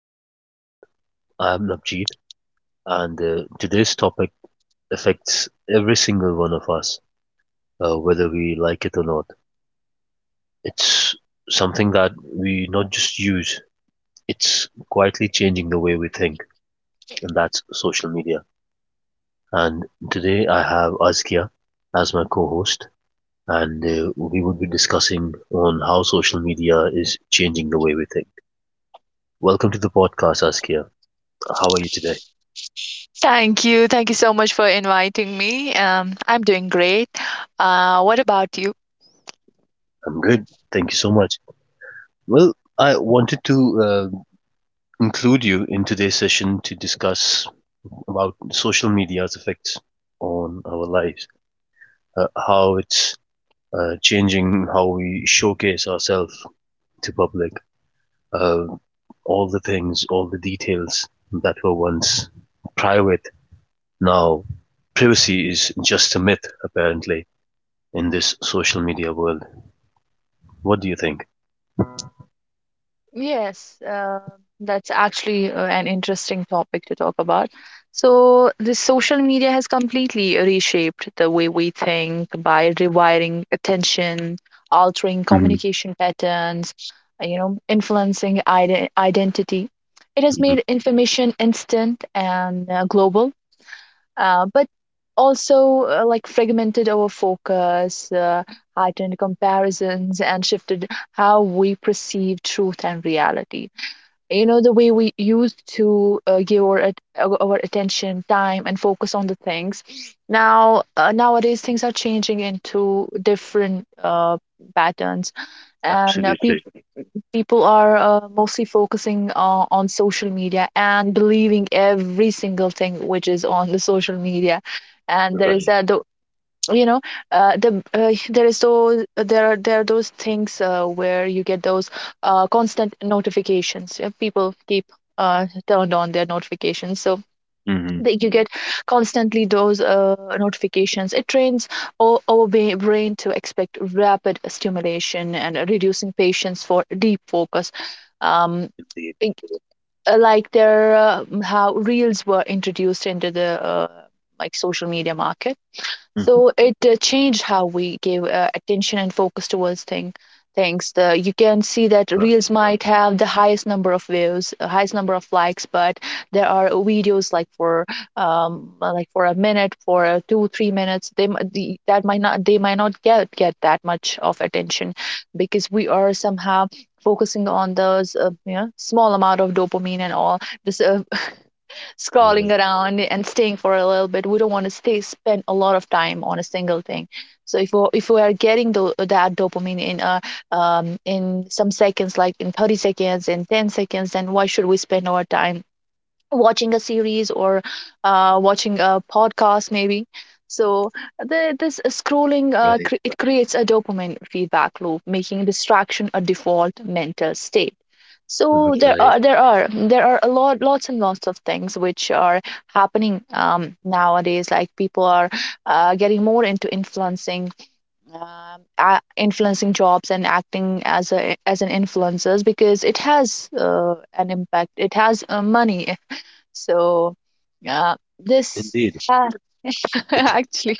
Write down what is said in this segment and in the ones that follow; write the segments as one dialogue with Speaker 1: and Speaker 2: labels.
Speaker 1: to the podcast. I am Navjeet, and today's topic affects every single one of us, whether we like it or not. It's something that we not just use, it's quietly changing the way we think, and that's social media. And today I have Azkia as my co host, and we would be discussing on how social media is changing the way we think. Welcome to the podcast, Azkia. How are you today?
Speaker 2: Thank you. Thank you so much for inviting me. I'm doing great. What about you?
Speaker 1: I'm good. Thank you so much. Well, I wanted to include you in today's session to discuss about social media's effects on our lives, how it's changing how we showcase ourselves to public, uh, all the things, all the details that were once private. Now, privacy is just a myth, apparently, in this social media world. What do you think?
Speaker 2: Yes, that's actually an interesting topic to talk about. So, the social media has completely reshaped the way we think by rewiring attention, altering
Speaker 1: Hmm.
Speaker 2: communication patterns, you know, influencing identity. It has made information instant and global but also like fragmented our focus, heightened comparisons, and shifted how we perceive truth and reality. You know, the way we used to give our, our attention, time, and focus on the things. Now, nowadays, things are changing into different patterns, and
Speaker 1: Absolutely
Speaker 2: people are mostly focusing on social media and believing every single thing which is on the social media, and there is
Speaker 1: right.
Speaker 2: that the you know there is those there are those things where you get those constant notifications. People keep turned on their notifications so
Speaker 1: Hmm.
Speaker 2: that you get constantly those notifications. It trains our brain to expect rapid stimulation and reducing patience for deep focus. Um,
Speaker 1: Indeed.
Speaker 2: it- like there, how reels were introduced into the like social media market,
Speaker 1: Hmm.
Speaker 2: so it changed how we gave attention and focus towards things. The you can see that reels might have the highest number of views, highest number of likes, but there are videos like for a minute, for 2 3 minutes. They mi- the, that might not they might not get that much of attention because we are somehow focusing on those you know small amount of dopamine and all this
Speaker 1: Right,
Speaker 2: scrolling around and staying for a little bit. We don't want to stay spend a lot of time on a single thing. So if we are getting that dopamine in some seconds, like in 30 seconds, in 10 seconds, then why should we spend our time watching a series or watching a podcast maybe. So this scrolling
Speaker 1: right,
Speaker 2: it creates a dopamine feedback loop, making distraction a default mental state. So there
Speaker 1: right.
Speaker 2: are there are there are a lots and lots of things which are happening nowadays. Like people are getting more into influencing, influencing jobs and acting as a as an influencers because it has an impact, it has money, so, this
Speaker 1: Indeed,
Speaker 2: uh,
Speaker 1: it
Speaker 2: actually,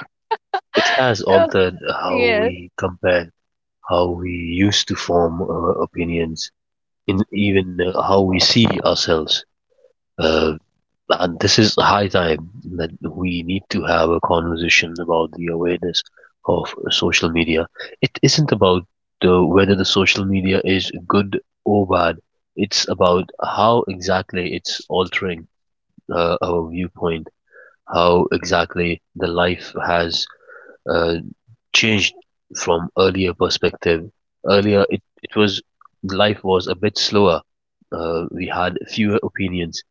Speaker 1: it has
Speaker 2: so
Speaker 1: altered how
Speaker 2: yes,
Speaker 1: we compare, how we used to form opinions, in even how we see ourselves. Uh, and this is high time that we need to have a conversation about the awareness of social media. It isn't about whether the social media is good or bad. It's about how exactly it's altering our viewpoints. How exactly the life has uh, changed from earlier perspective. Earlier, it was life was a bit slower. We had fewer opinions.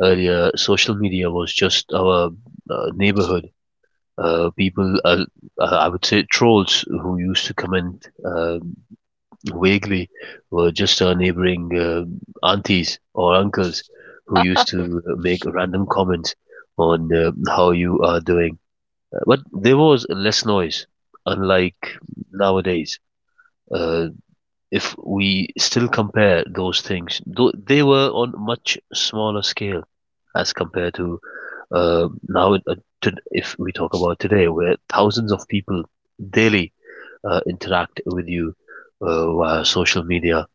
Speaker 1: Earlier, social media was just our neighborhood. People, I would say trolls who used to comment vaguely were just our neighboring aunties or uncles who used to make random comments on how you are doing, but there was less noise, unlike nowadays. Uh, if we still compare those things, though they were on much smaller scale as compared to now. To, if we talk about today, where thousands of people daily interact with you via social media,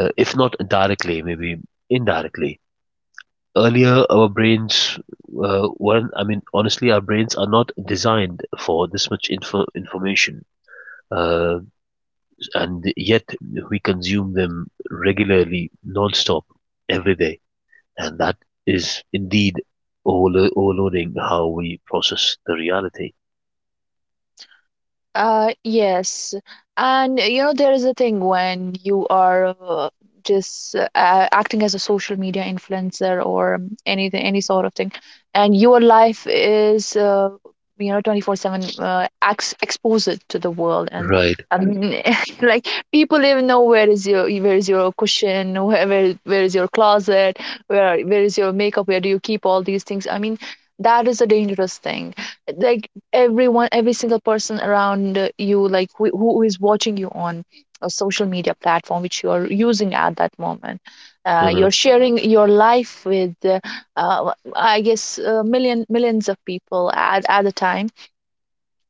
Speaker 1: if not directly, maybe indirectly. Earlier, our brains weren't. I mean, honestly, our brains are not designed for this much information, uh, and yet we consume them regularly, non-stop, every day, and that is indeed overloading how we process the reality.
Speaker 2: Uh, yes, and you know there is a thing when you are acting as a social media influencer or anything, any sort of thing, and your life is you know 24/7 ex exposed to the world, and
Speaker 1: Right.
Speaker 2: um, like people even know where is your cushion, where is your closet, where is your makeup, where do you keep all these things? I mean, that is a dangerous thing, like everyone, every single person around you, like who is watching you on a social media platform which you are using at that moment,
Speaker 1: uh
Speaker 2: you're sharing your life with I guess millions of people at the time,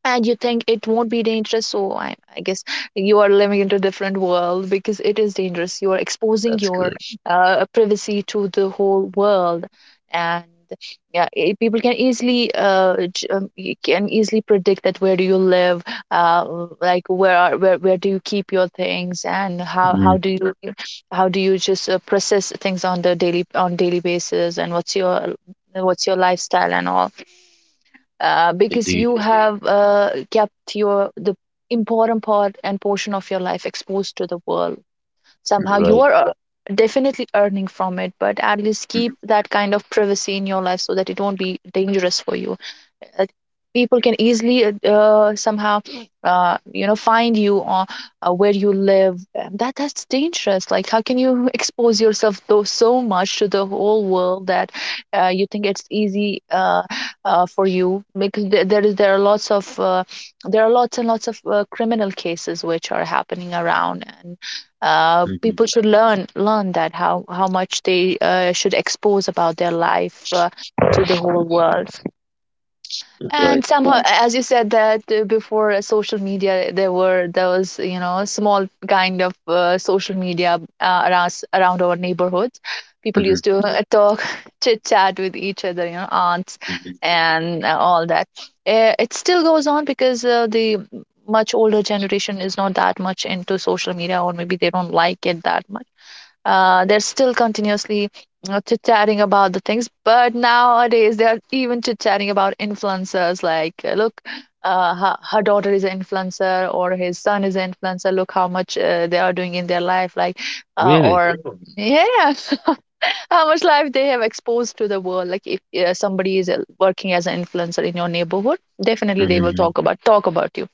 Speaker 2: and you think it won't be dangerous. So I guess you are living in a different world, because it is dangerous, you are exposing
Speaker 1: That's
Speaker 2: your
Speaker 1: correct.
Speaker 2: privacy to the whole world. And yeah, people can easily you can easily predict that where do you live, like where do you keep your things, and how
Speaker 1: Mm.
Speaker 2: do you just process things on the daily on daily basis, and what's your lifestyle and all, because
Speaker 1: Indeed.
Speaker 2: you have kept your the important part and portion of your life exposed to the world. Somehow you
Speaker 1: Right.
Speaker 2: are definitely earning from it, but at least keep
Speaker 1: Mm-hmm.
Speaker 2: that kind of privacy in your life so that it won't be dangerous for you. uh, People can easily somehow you know find you or where you live. That that's dangerous, like how can you expose yourself though so much to the whole world that you think it's easy for you, because there are lots of there are lots and lots of criminal cases which are happening around. And
Speaker 1: Mm-hmm.
Speaker 2: people should learn that how much they should expose about their life to the whole world. And
Speaker 1: Right.
Speaker 2: somehow, as you said that before social media, there was you know a small kind of social media around our neighborhoods. People
Speaker 1: Mm-hmm.
Speaker 2: used to talk, chit chat with each other, you know, aunts
Speaker 1: Mm-hmm.
Speaker 2: and all that. It still goes on, because the much older generation is not that much into social media, or maybe they don't like it that much. They're still continuously, you know, chit-chatting about the things. But nowadays they are even chit-chatting about influencers, like look her daughter is an influencer, or his son is an influencer. Look how much they are doing in their life, like
Speaker 1: Really.
Speaker 2: or Really? Yeah. How much life they have exposed to the world! Like if somebody is working as an influencer in your neighborhood, definitely they will
Speaker 1: Mm-hmm.
Speaker 2: talk about you,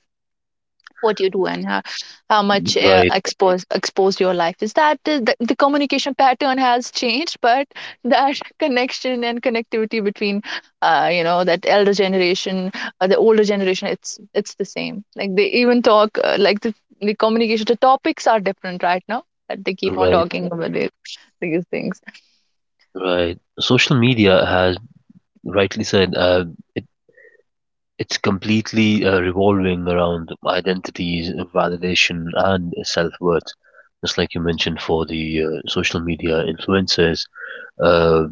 Speaker 2: what you do and how much
Speaker 1: Right.
Speaker 2: exposed your life is. That is the communication pattern has changed. But that connection and connectivity between you know that elder generation, the older generation, it's the same, like they even talk like the communication, the topics are different right now, that they keep on
Speaker 1: Right.
Speaker 2: talking about these things.
Speaker 1: Right. Social media has rightly said. It It's completely revolving around identities, validation, and self-worth. Just like you mentioned for the social media influencers, uh,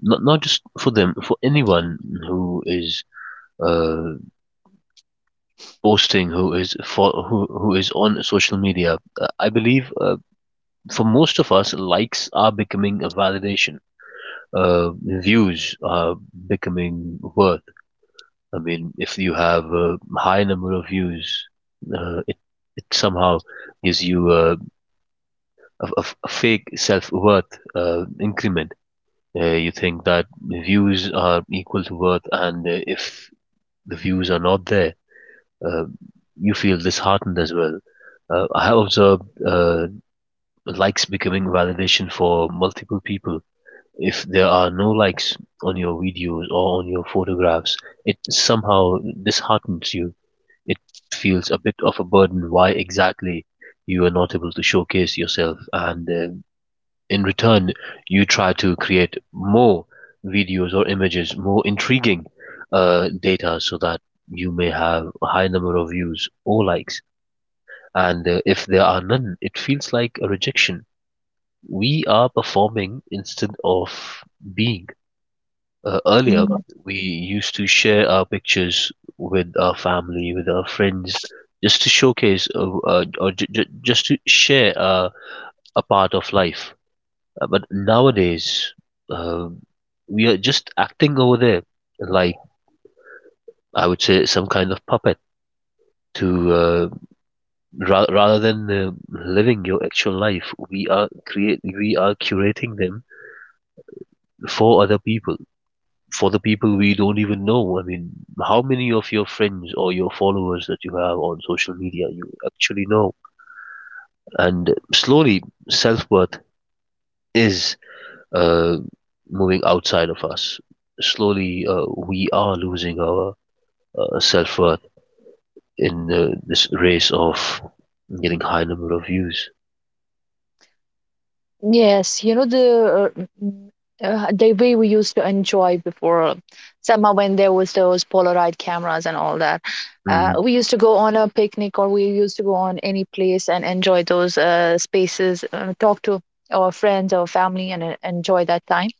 Speaker 1: not just for them, for anyone who is uh, posting, who is on social media. I believe for most of us, likes are becoming a validation. Views are becoming worth. I mean, if you have a high number of views, uh, it it somehow gives you a fake self worth increment. You think that views are equal to worth, and if the views are not there, uh, you feel disheartened as well. I have observed likes becoming validation for multiple people. If there are no likes on your videos or on your photographs, it somehow disheartens you. It feels a bit of a burden why exactly you are not able to showcase yourself, and in return you try to create more videos or images, more intriguing data so that you may have a high number of views or likes. And if there are none, it feels like a rejection. We are performing instead of being. Earlier, we used to share our pictures with our family, with our friends, just to showcase or just to share a part of life. But nowadays, uh, we are just acting over there like I would say some kind of puppet. To uh, rather than living your actual life, we are curating them for other people, for the people we don't even know. I mean, how many of your friends or your followers that you have on social media you actually know? And slowly, self worth is uh, moving outside of us. Slowly, we are losing our self worth in this race of getting high number of views.
Speaker 2: Yes, you know the the way we used to enjoy before summer, when there was those Polaroid cameras and all that.
Speaker 1: Hmm.
Speaker 2: We used to go on a picnic, or we used to go on any place and enjoy those spaces, talk to our friends, our family, and enjoy that time,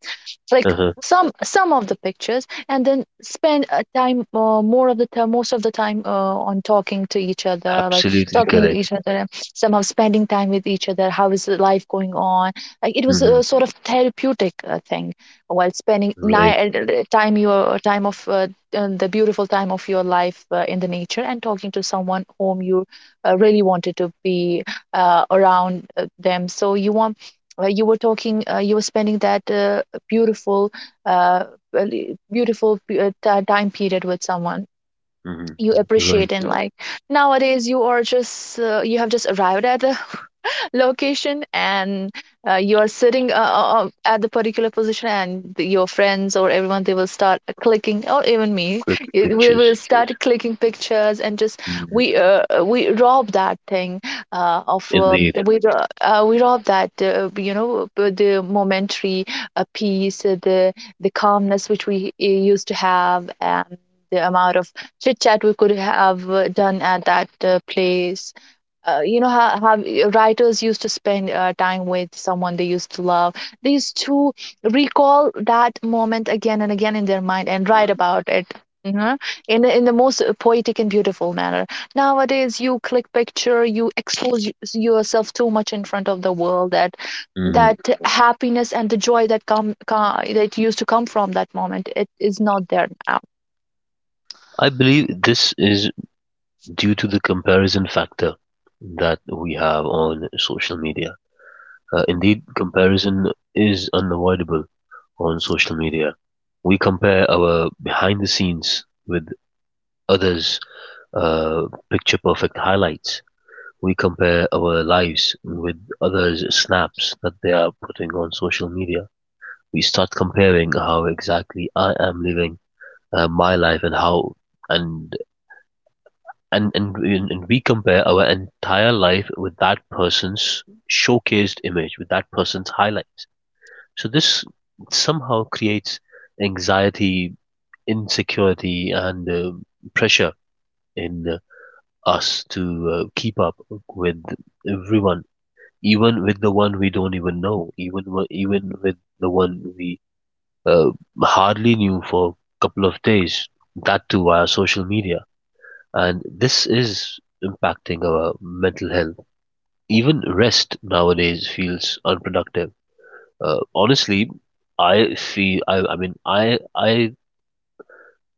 Speaker 2: like
Speaker 1: Uh-huh.
Speaker 2: some of the pictures, and then spend a time more of the time most of the time on talking to each other, like
Speaker 1: Absolutely
Speaker 2: talking with
Speaker 1: correct.
Speaker 2: each other, and somehow spending time with each other. How is the life going on, like it was a
Speaker 1: Hmm.
Speaker 2: sort of therapeutic thing, while spending
Speaker 1: Right.
Speaker 2: time, your time of the beautiful time of your life in the nature, and talking to someone whom you really wanted to be around them. So you want you were talking you were spending that beautiful uh really beautiful time period with someone
Speaker 1: Hmm.
Speaker 2: you
Speaker 1: Right.
Speaker 2: appreciate in life. Nowadays you are just you have just arrived at the location and you're sitting at the particular position, and your friends or everyone, they will start clicking, or even me,
Speaker 1: Quick
Speaker 2: we will
Speaker 1: pictures.
Speaker 2: start clicking pictures, and just
Speaker 1: Hmm.
Speaker 2: we rob that thing
Speaker 1: Indeed.
Speaker 2: we rob that you know the momentary peace, the calmness which we used to have, and the amount of chit chat we could have done at that place. You know how writers used to spend time with someone they used to love, they used to recall that moment again and again in their mind and write about it. Hmm. In the in- the most poetic and beautiful manner. Nowadays you click picture, you expose yourself too much in front of the world, that
Speaker 1: Hmm.
Speaker 2: that happiness and the joy that come, come that used to come from that moment, it is not there now.
Speaker 1: I believe this is due to the comparison factor that we have on social media. Indeed, comparison is unavoidable on social media. We compare our behind the scenes with others' uh, picture perfect highlights. We compare our lives with others' snaps that they are putting on social media. We start comparing how exactly I am living my life and how and and and and we compare our entire life with that person's showcased image, with that person's highlights. So this somehow creates anxiety, insecurity, and pressure in us to keep up with everyone, even with the one we don't even know, even with the one we uh, hardly knew for a couple of days. That too via social media, and this is impacting our mental health. Even rest nowadays feels unproductive. Honestly, I mean I I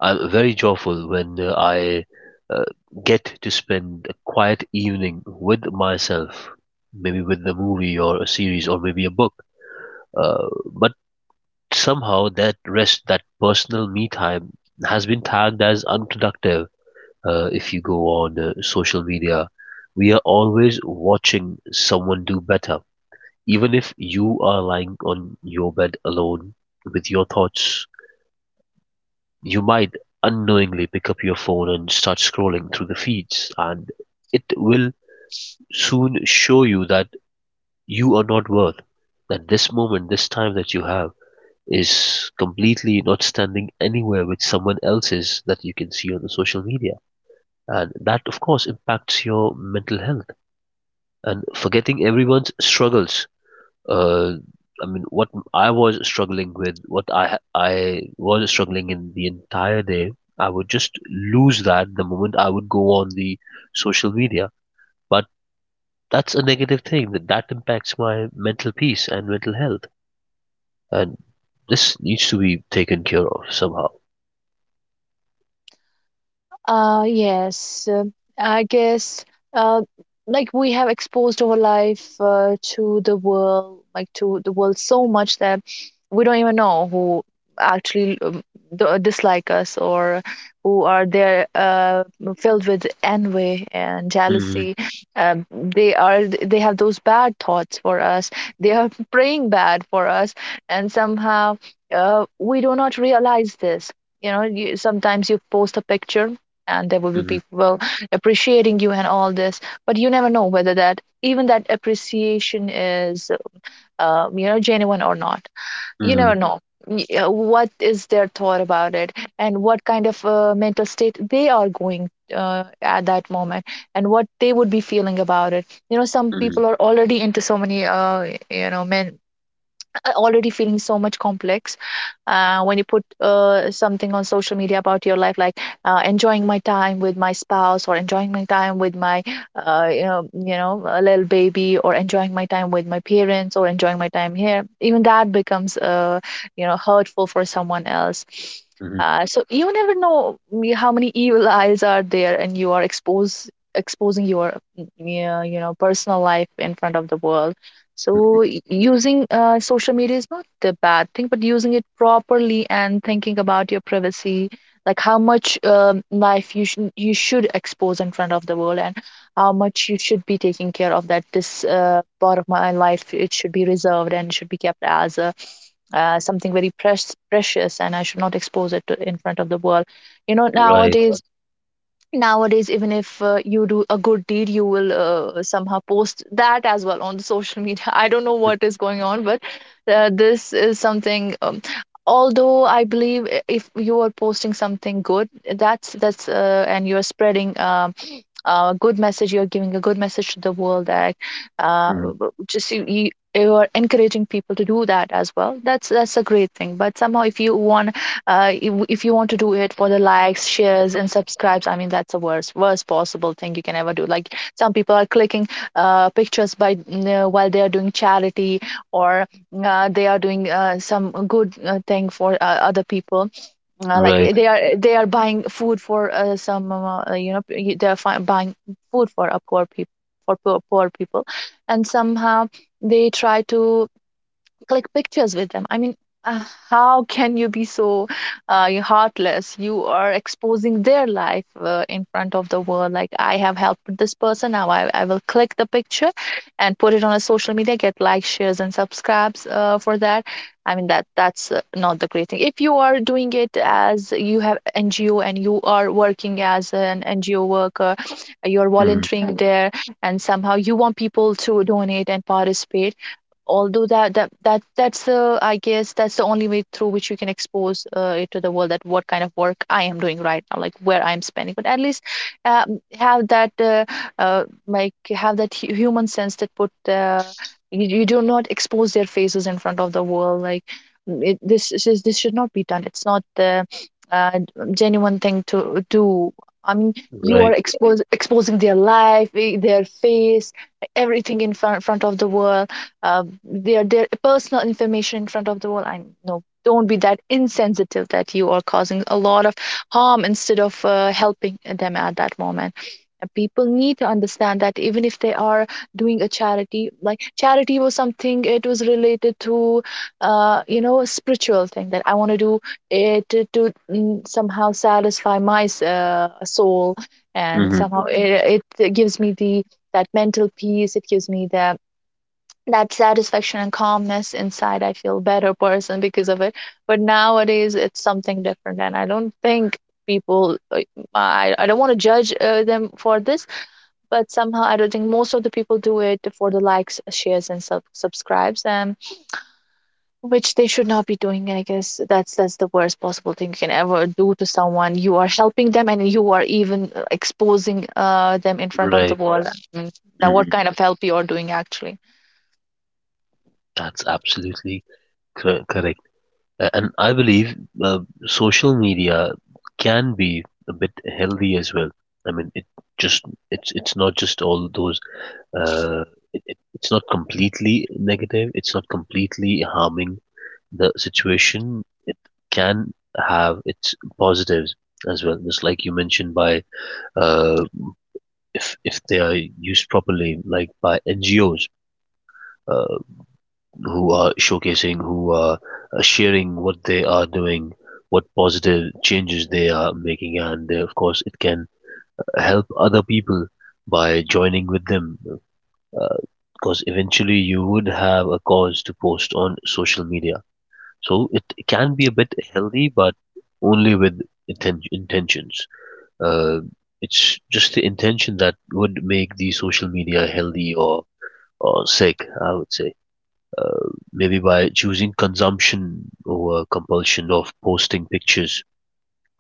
Speaker 1: I'm very joyful when I uh, get to spend a quiet evening with myself, maybe with a movie or a series or maybe a book. But somehow that rest, that personal me time, has been tagged as unproductive. If you go on social media, we are always watching someone do better. Even if you are lying on your bed alone with your thoughts, you might unknowingly pick up your phone and start scrolling through the feeds, and it will soon show you that you are not worth, that this moment, this time that you have, is completely not standing anywhere with someone else's that you can see on the social media. And that, of course, impacts your mental health. And forgetting everyone's struggles. Uh, I mean, what I was struggling with, what I was struggling in the entire day, I would just lose that the moment I would go on the social media. But that's a negative thing that impacts my mental peace and mental health, and this needs to be taken care of somehow.
Speaker 2: Uh, yes, uh, I guess uh, like we have exposed our life to the world, like to the world so much that we don't even know who actually dislike us, or who are there filled with envy and
Speaker 1: Hmm.
Speaker 2: jealousy. They are they have those bad thoughts for us. They are praying bad for us, and somehow we do not realize this. You know, sometimes you post a picture and there will be
Speaker 1: Hmm.
Speaker 2: people appreciating you and all this, but you never know whether that even that appreciation is you know, genuine or not. You
Speaker 1: Hmm.
Speaker 2: never know what is their thought about it, and what kind of mental state they are going at that moment, and what they would be feeling about it. You know, some
Speaker 1: Hmm.
Speaker 2: people are already into so many you know men already feeling so much complex when you put something on social media about your life, like enjoying my time with my spouse, or enjoying my time with my a little baby, or enjoying my time with my parents, or enjoying my time here. Even that becomes hurtful for someone else.
Speaker 1: Hmm.
Speaker 2: So you never know how many evil eyes are there, and you are exposed exposing your yeah, you know, personal life in front of the world. So
Speaker 1: Hmm.
Speaker 2: using social media is not a bad thing, but using it properly and thinking about your privacy, like how much life you should expose in front of the world, and how much you should be taking care of that this part of my life, it should be reserved and should be kept as a, something very precious, and I should not expose it to, in front of the world. You know,
Speaker 1: Right.
Speaker 2: nowadays, even if you do a good deed, you will somehow post that as well on the social media. I don't know what is going on, but this is something although I believe, if you are posting something good, that's and you're spreading a good message, you're giving a good message to the world, that uh,
Speaker 1: Hmm.
Speaker 2: just you are encouraging people to do that as well. That's a great thing. But somehow, if you want if you want to do it for the likes, shares and subscribes, I mean, that's the worst possible thing you can ever do. Like, some people are clicking pictures while they are doing charity, or they are doing some good thing for other people.
Speaker 1: Right.
Speaker 2: They are they are buying food for some you know, buying food for a poor people, for poor people, and somehow they try to click pictures with them. I mean, uh, how can you be so you heartless? You are exposing their life in front of the world. Like, I have helped this person. Now I will click the picture and put it on a social media, get likes, shares, and subscribes for that. I mean, that's not the great thing. If you are doing it as you have NGO and you are working as an NGO worker, you're
Speaker 1: Hmm.
Speaker 2: volunteering there, and somehow you want people to donate and participate. Although that's I guess that's the only way through which you can expose it to the world, that what kind of work I am doing right now, like where I'm spending. But at least have that like have that human sense that you do not expose their faces in front of the world. Like, mm, it, this is this this should not be done. It's not the uh, genuine thing to do. I mean, you are
Speaker 1: Right.
Speaker 2: exposing their life, their face, everything in front of the world, their personal information in front of the world. I know, don't be that insensitive that you are causing a lot of harm instead of helping them at that moment. And people need to understand that even if they are doing a charity, like charity was something, it was related to, you know, a spiritual thing, that I want to do it to somehow satisfy my soul, and
Speaker 1: Hmm.
Speaker 2: somehow. Mhm. It gives me the, that mental peace. It gives me the, that satisfaction and calmness inside. I feel better person because of it. But nowadays, it's something different, and I don't think people, like, I don't want to judge them for this. But somehow I don't think most of the people do it for the likes, shares and subscribes, and which they should not be doing. I guess that's the worst possible thing you can ever do. To someone, you are helping them, and you are even exposing them in front of the
Speaker 1: Right.
Speaker 2: world. I mean, that what
Speaker 1: Hmm.
Speaker 2: kind of help you are doing actually?
Speaker 1: That's absolutely correct. And I believe uh, social media can be a bit healthy as well. I mean, it just it's not just all those. Uh, it's not completely negative. It's not completely harming the situation. It can have its positives as well. Just like you mentioned, by uh, if they are used properly, like by NGOs, Uh, who are showcasing, who are sharing what they are doing, what positive changes they are making, and of course, it can help other people by joining with them. uh, Because eventually, you would have a cause to post on social media. So it can be a bit healthy, but only with intentions. Uh, it's just the intention that would make the social media healthy or sick, I would say, maybe by choosing consumption over compulsion of posting pictures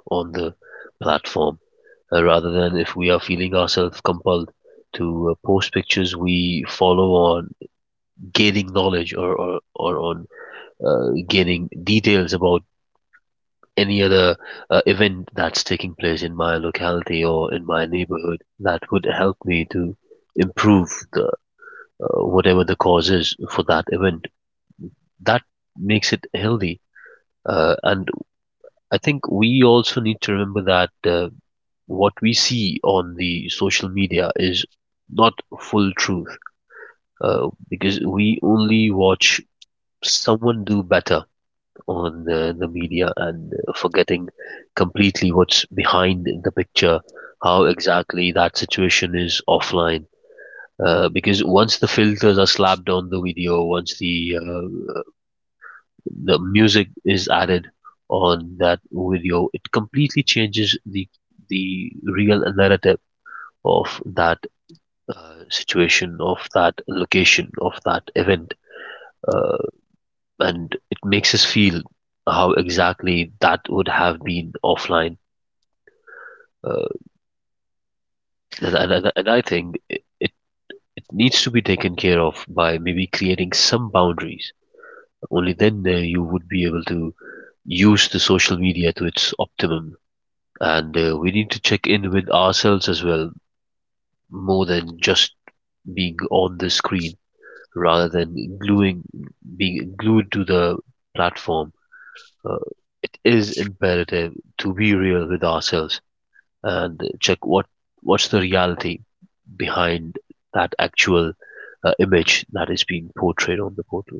Speaker 1: on the platform, rather than if we are feeling ourselves compelled to post pictures we follow on gaining knowledge or on gaining details about any other event that's taking place in my locality or in my neighborhood that would help me to improve the whatever the cause is for that event that makes it healthy. And I think we also need to remember that what we see on the social media is not full truth, because we only watch someone do better on the media and forgetting completely what's behind the picture, how exactly that situation is offline. Because once the filters are slapped on the video, once the music is added on that video, it completely changes the real narrative of that situation, of that location, of that event, uh, and it makes us feel how exactly that would have been offline. Uh, and I think it needs to be taken care of by maybe creating some boundaries. Only then you would be able to use the social media to its optimum. And we need to check in with ourselves as well, more than just being on the screen, rather than gluing being glued to the platform. Uh, it is imperative to be real with ourselves and check what's the reality behind that actual image that is being portrayed on the portal.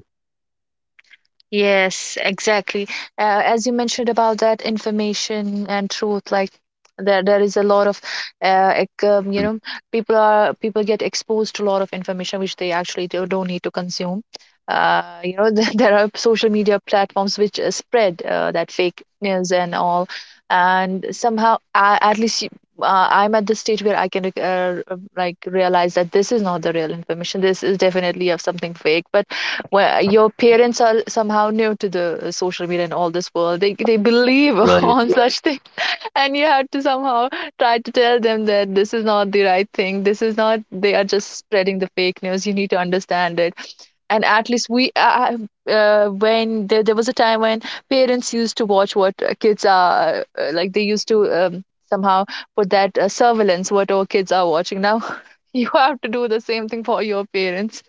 Speaker 2: Yes, exactly. As you mentioned about that information and truth, like there is a lot of you
Speaker 1: Mm,
Speaker 2: know, people are, people get exposed to a lot of information which they actually don't need to consume. You know, there are social media platforms which spread that fake news and all, and somehow I, at least I'm at the stage where I can like realize that this is not the real information. This is definitely of something fake. But where your parents are somehow new to the social media and all this world, they believe
Speaker 1: right,
Speaker 2: on such thing, and you have to somehow try to tell them that this is not the right thing. This is not, they are just spreading the fake news, you need to understand it. And at least we when there was a time when parents used to watch what kids are like they used to somehow put that surveillance, what our kids are watching. Now, you have to do the same thing for your parents.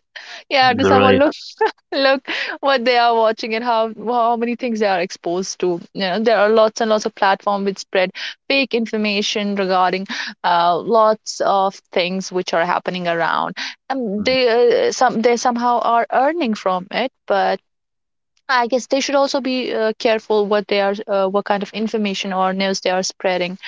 Speaker 2: Yeah, to someone,
Speaker 1: right.
Speaker 2: look, look what they are watching, and how many things they are exposed to. You know, there are lots and lots of platforms which spread fake information regarding lots of things which are happening around.
Speaker 1: Mhm.
Speaker 2: They somehow are earning from it. But I guess they should also be careful what they are what kind of information or news they are spreading.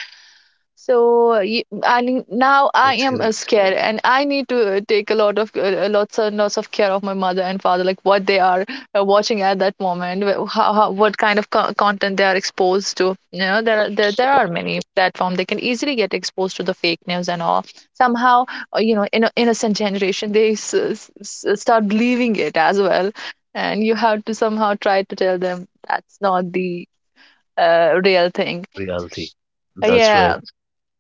Speaker 2: So I need, now I
Speaker 1: That's
Speaker 2: am
Speaker 1: correct.
Speaker 2: scared, and I need to take a lot of lots and lots of care of my mother and father, like what they are watching at that moment, how what kind of content they are exposed to. You know, there are many platforms, they can easily get exposed to the fake news and all. Somehow, you know, in innocent generation, they start believing it as well, and you have to somehow try to tell them that's not the real thing.
Speaker 1: Reality. That's right.
Speaker 2: Yeah.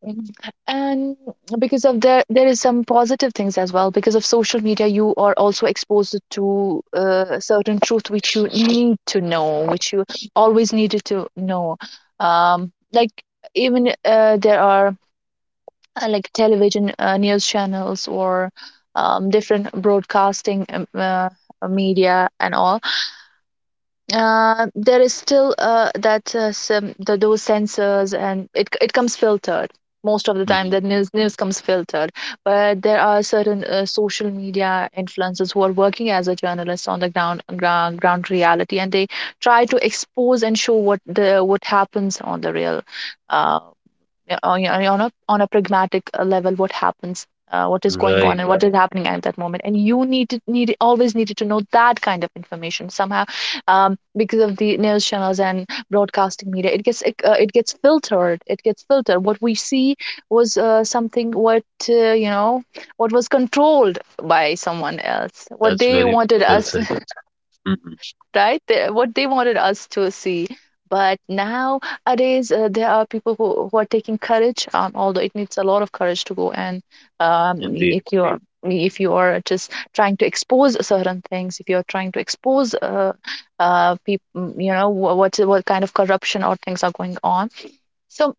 Speaker 2: Mhm. And because of there is some positive things as well. Because of social media, you are also exposed to certain truth which you need to know, which you always needed to know. Like, even there are like television news channels, or different broadcasting media and all, there is still those sensors, and it comes filtered most of the time.
Speaker 1: Mhm.
Speaker 2: The news comes filtered. But there are certain social media influencers who are working as a journalist on the ground reality, and they try to expose and show what happens on the real uh, yeah, on yeah, on a pragmatic level, what happens, what is going on
Speaker 1: Right,
Speaker 2: and what is happening at that moment. And you needed needed always needed to know that kind of information somehow. Because of the news channels and broadcasting media, it gets filtered. What we see was something what you know, what was controlled by someone else, what
Speaker 1: that's
Speaker 2: they
Speaker 1: very
Speaker 2: wanted
Speaker 1: well
Speaker 2: us.
Speaker 1: said. Mm-hmm.
Speaker 2: Right? They, what they wanted us to see. But nowadays, there are people who are taking courage. Although it needs a lot of courage to go and um,
Speaker 1: Indeed.
Speaker 2: if you are just trying to expose certain things, if you are trying to expose people, you know, what kind of corruption or things are going on. So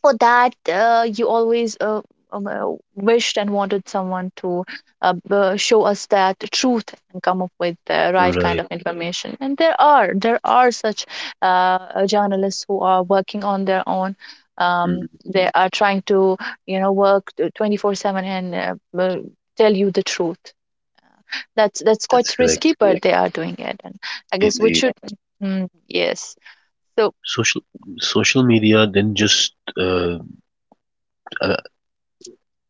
Speaker 2: for that you always wished and wanted someone to show us that truth and come up with the right kind
Speaker 1: Right.
Speaker 2: of information. And there are such journalists who are working on their own.
Speaker 1: Mm,
Speaker 2: They are trying to, you know, work 24/7, and tell you the truth. That's
Speaker 1: that's
Speaker 2: quite
Speaker 1: correct.
Speaker 2: risky, but they are doing it. And I guess we
Speaker 1: Indeed.
Speaker 2: should. Yes. So.
Speaker 1: Social social media didn't just uh, uh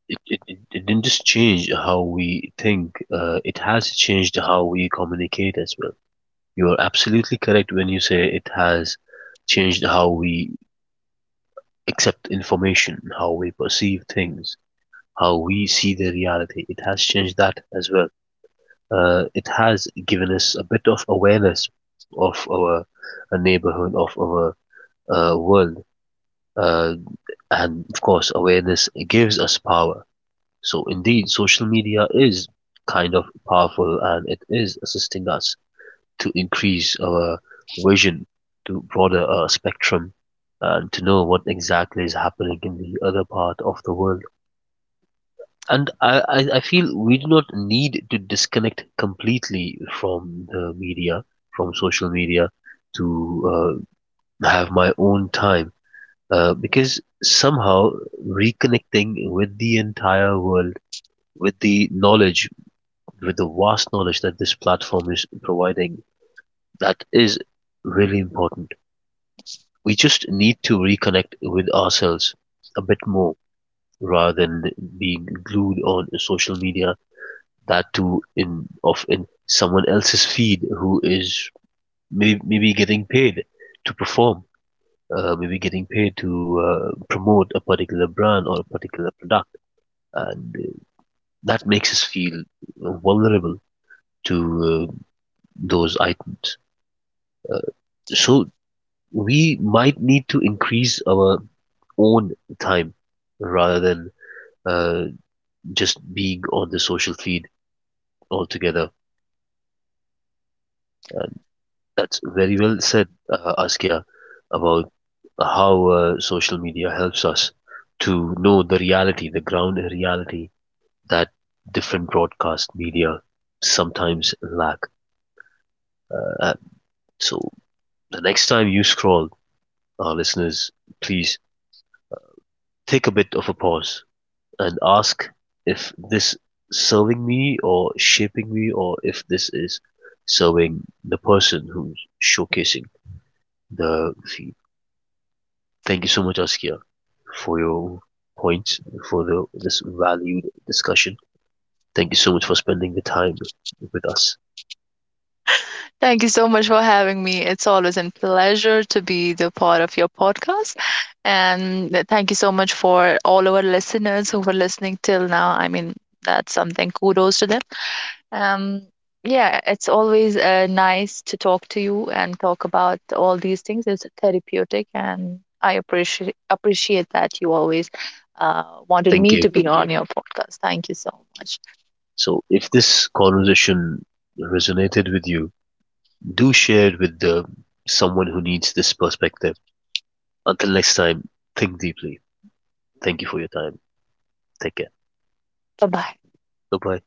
Speaker 1: it, it, it it didn't just change how we think. It has changed how we communicate as well. You are absolutely correct when you say it has changed how we accept information, how we perceive things, how we see the reality. It has changed that as well. It has given us a bit of awareness of our neighborhood, of our world, uh, and of course, awareness gives us power. So, indeed, social media is kind of powerful and it is assisting us to increase our vision to broader spectrum and to know what exactly is happening in the other part of the world. And I feel we do not need to disconnect completely from the media, from social media, to have my own time, because somehow reconnecting with the entire world, with the knowledge, with the vast knowledge that this platform is providing, that is really important. We just need to reconnect with ourselves a bit more rather than being glued on social media, that too in of in someone else's feed who is maybe getting paid to perform. Maybe getting paid to promote a particular brand or a particular product. And that makes us feel vulnerable to uh, those icons. So we might need to increase our own time rather than uh, just being on the social feed altogether. That's very well said, Askia, about how social media helps us to know the reality, the ground reality that different broadcast media sometimes lack. Uh, so the next time you scroll, our listeners, please take a bit of a pause and ask if this serving me or shaping me or if this is serving the person who's showcasing the feed. Thank you so much, Askia, for your points, for this valued discussion. Thank you so much for spending the time with us.
Speaker 2: Thank you so much for having me. It's always a pleasure to be the part of your podcast. And thank you so much for all our listeners who were listening till now. I mean, that's something. Kudos to them. Um, yeah, it's always nice to talk to you and talk about all these things. It's therapeutic, and I appreciate that you always wanted
Speaker 1: Thank
Speaker 2: me
Speaker 1: you.
Speaker 2: to be on your podcast. Thank you so much.
Speaker 1: So if this conversation resonated with you, do share it with someone who needs this perspective. Until next time, think deeply. Thank you for your time. Take care.
Speaker 2: Bye bye.
Speaker 1: Bye bye.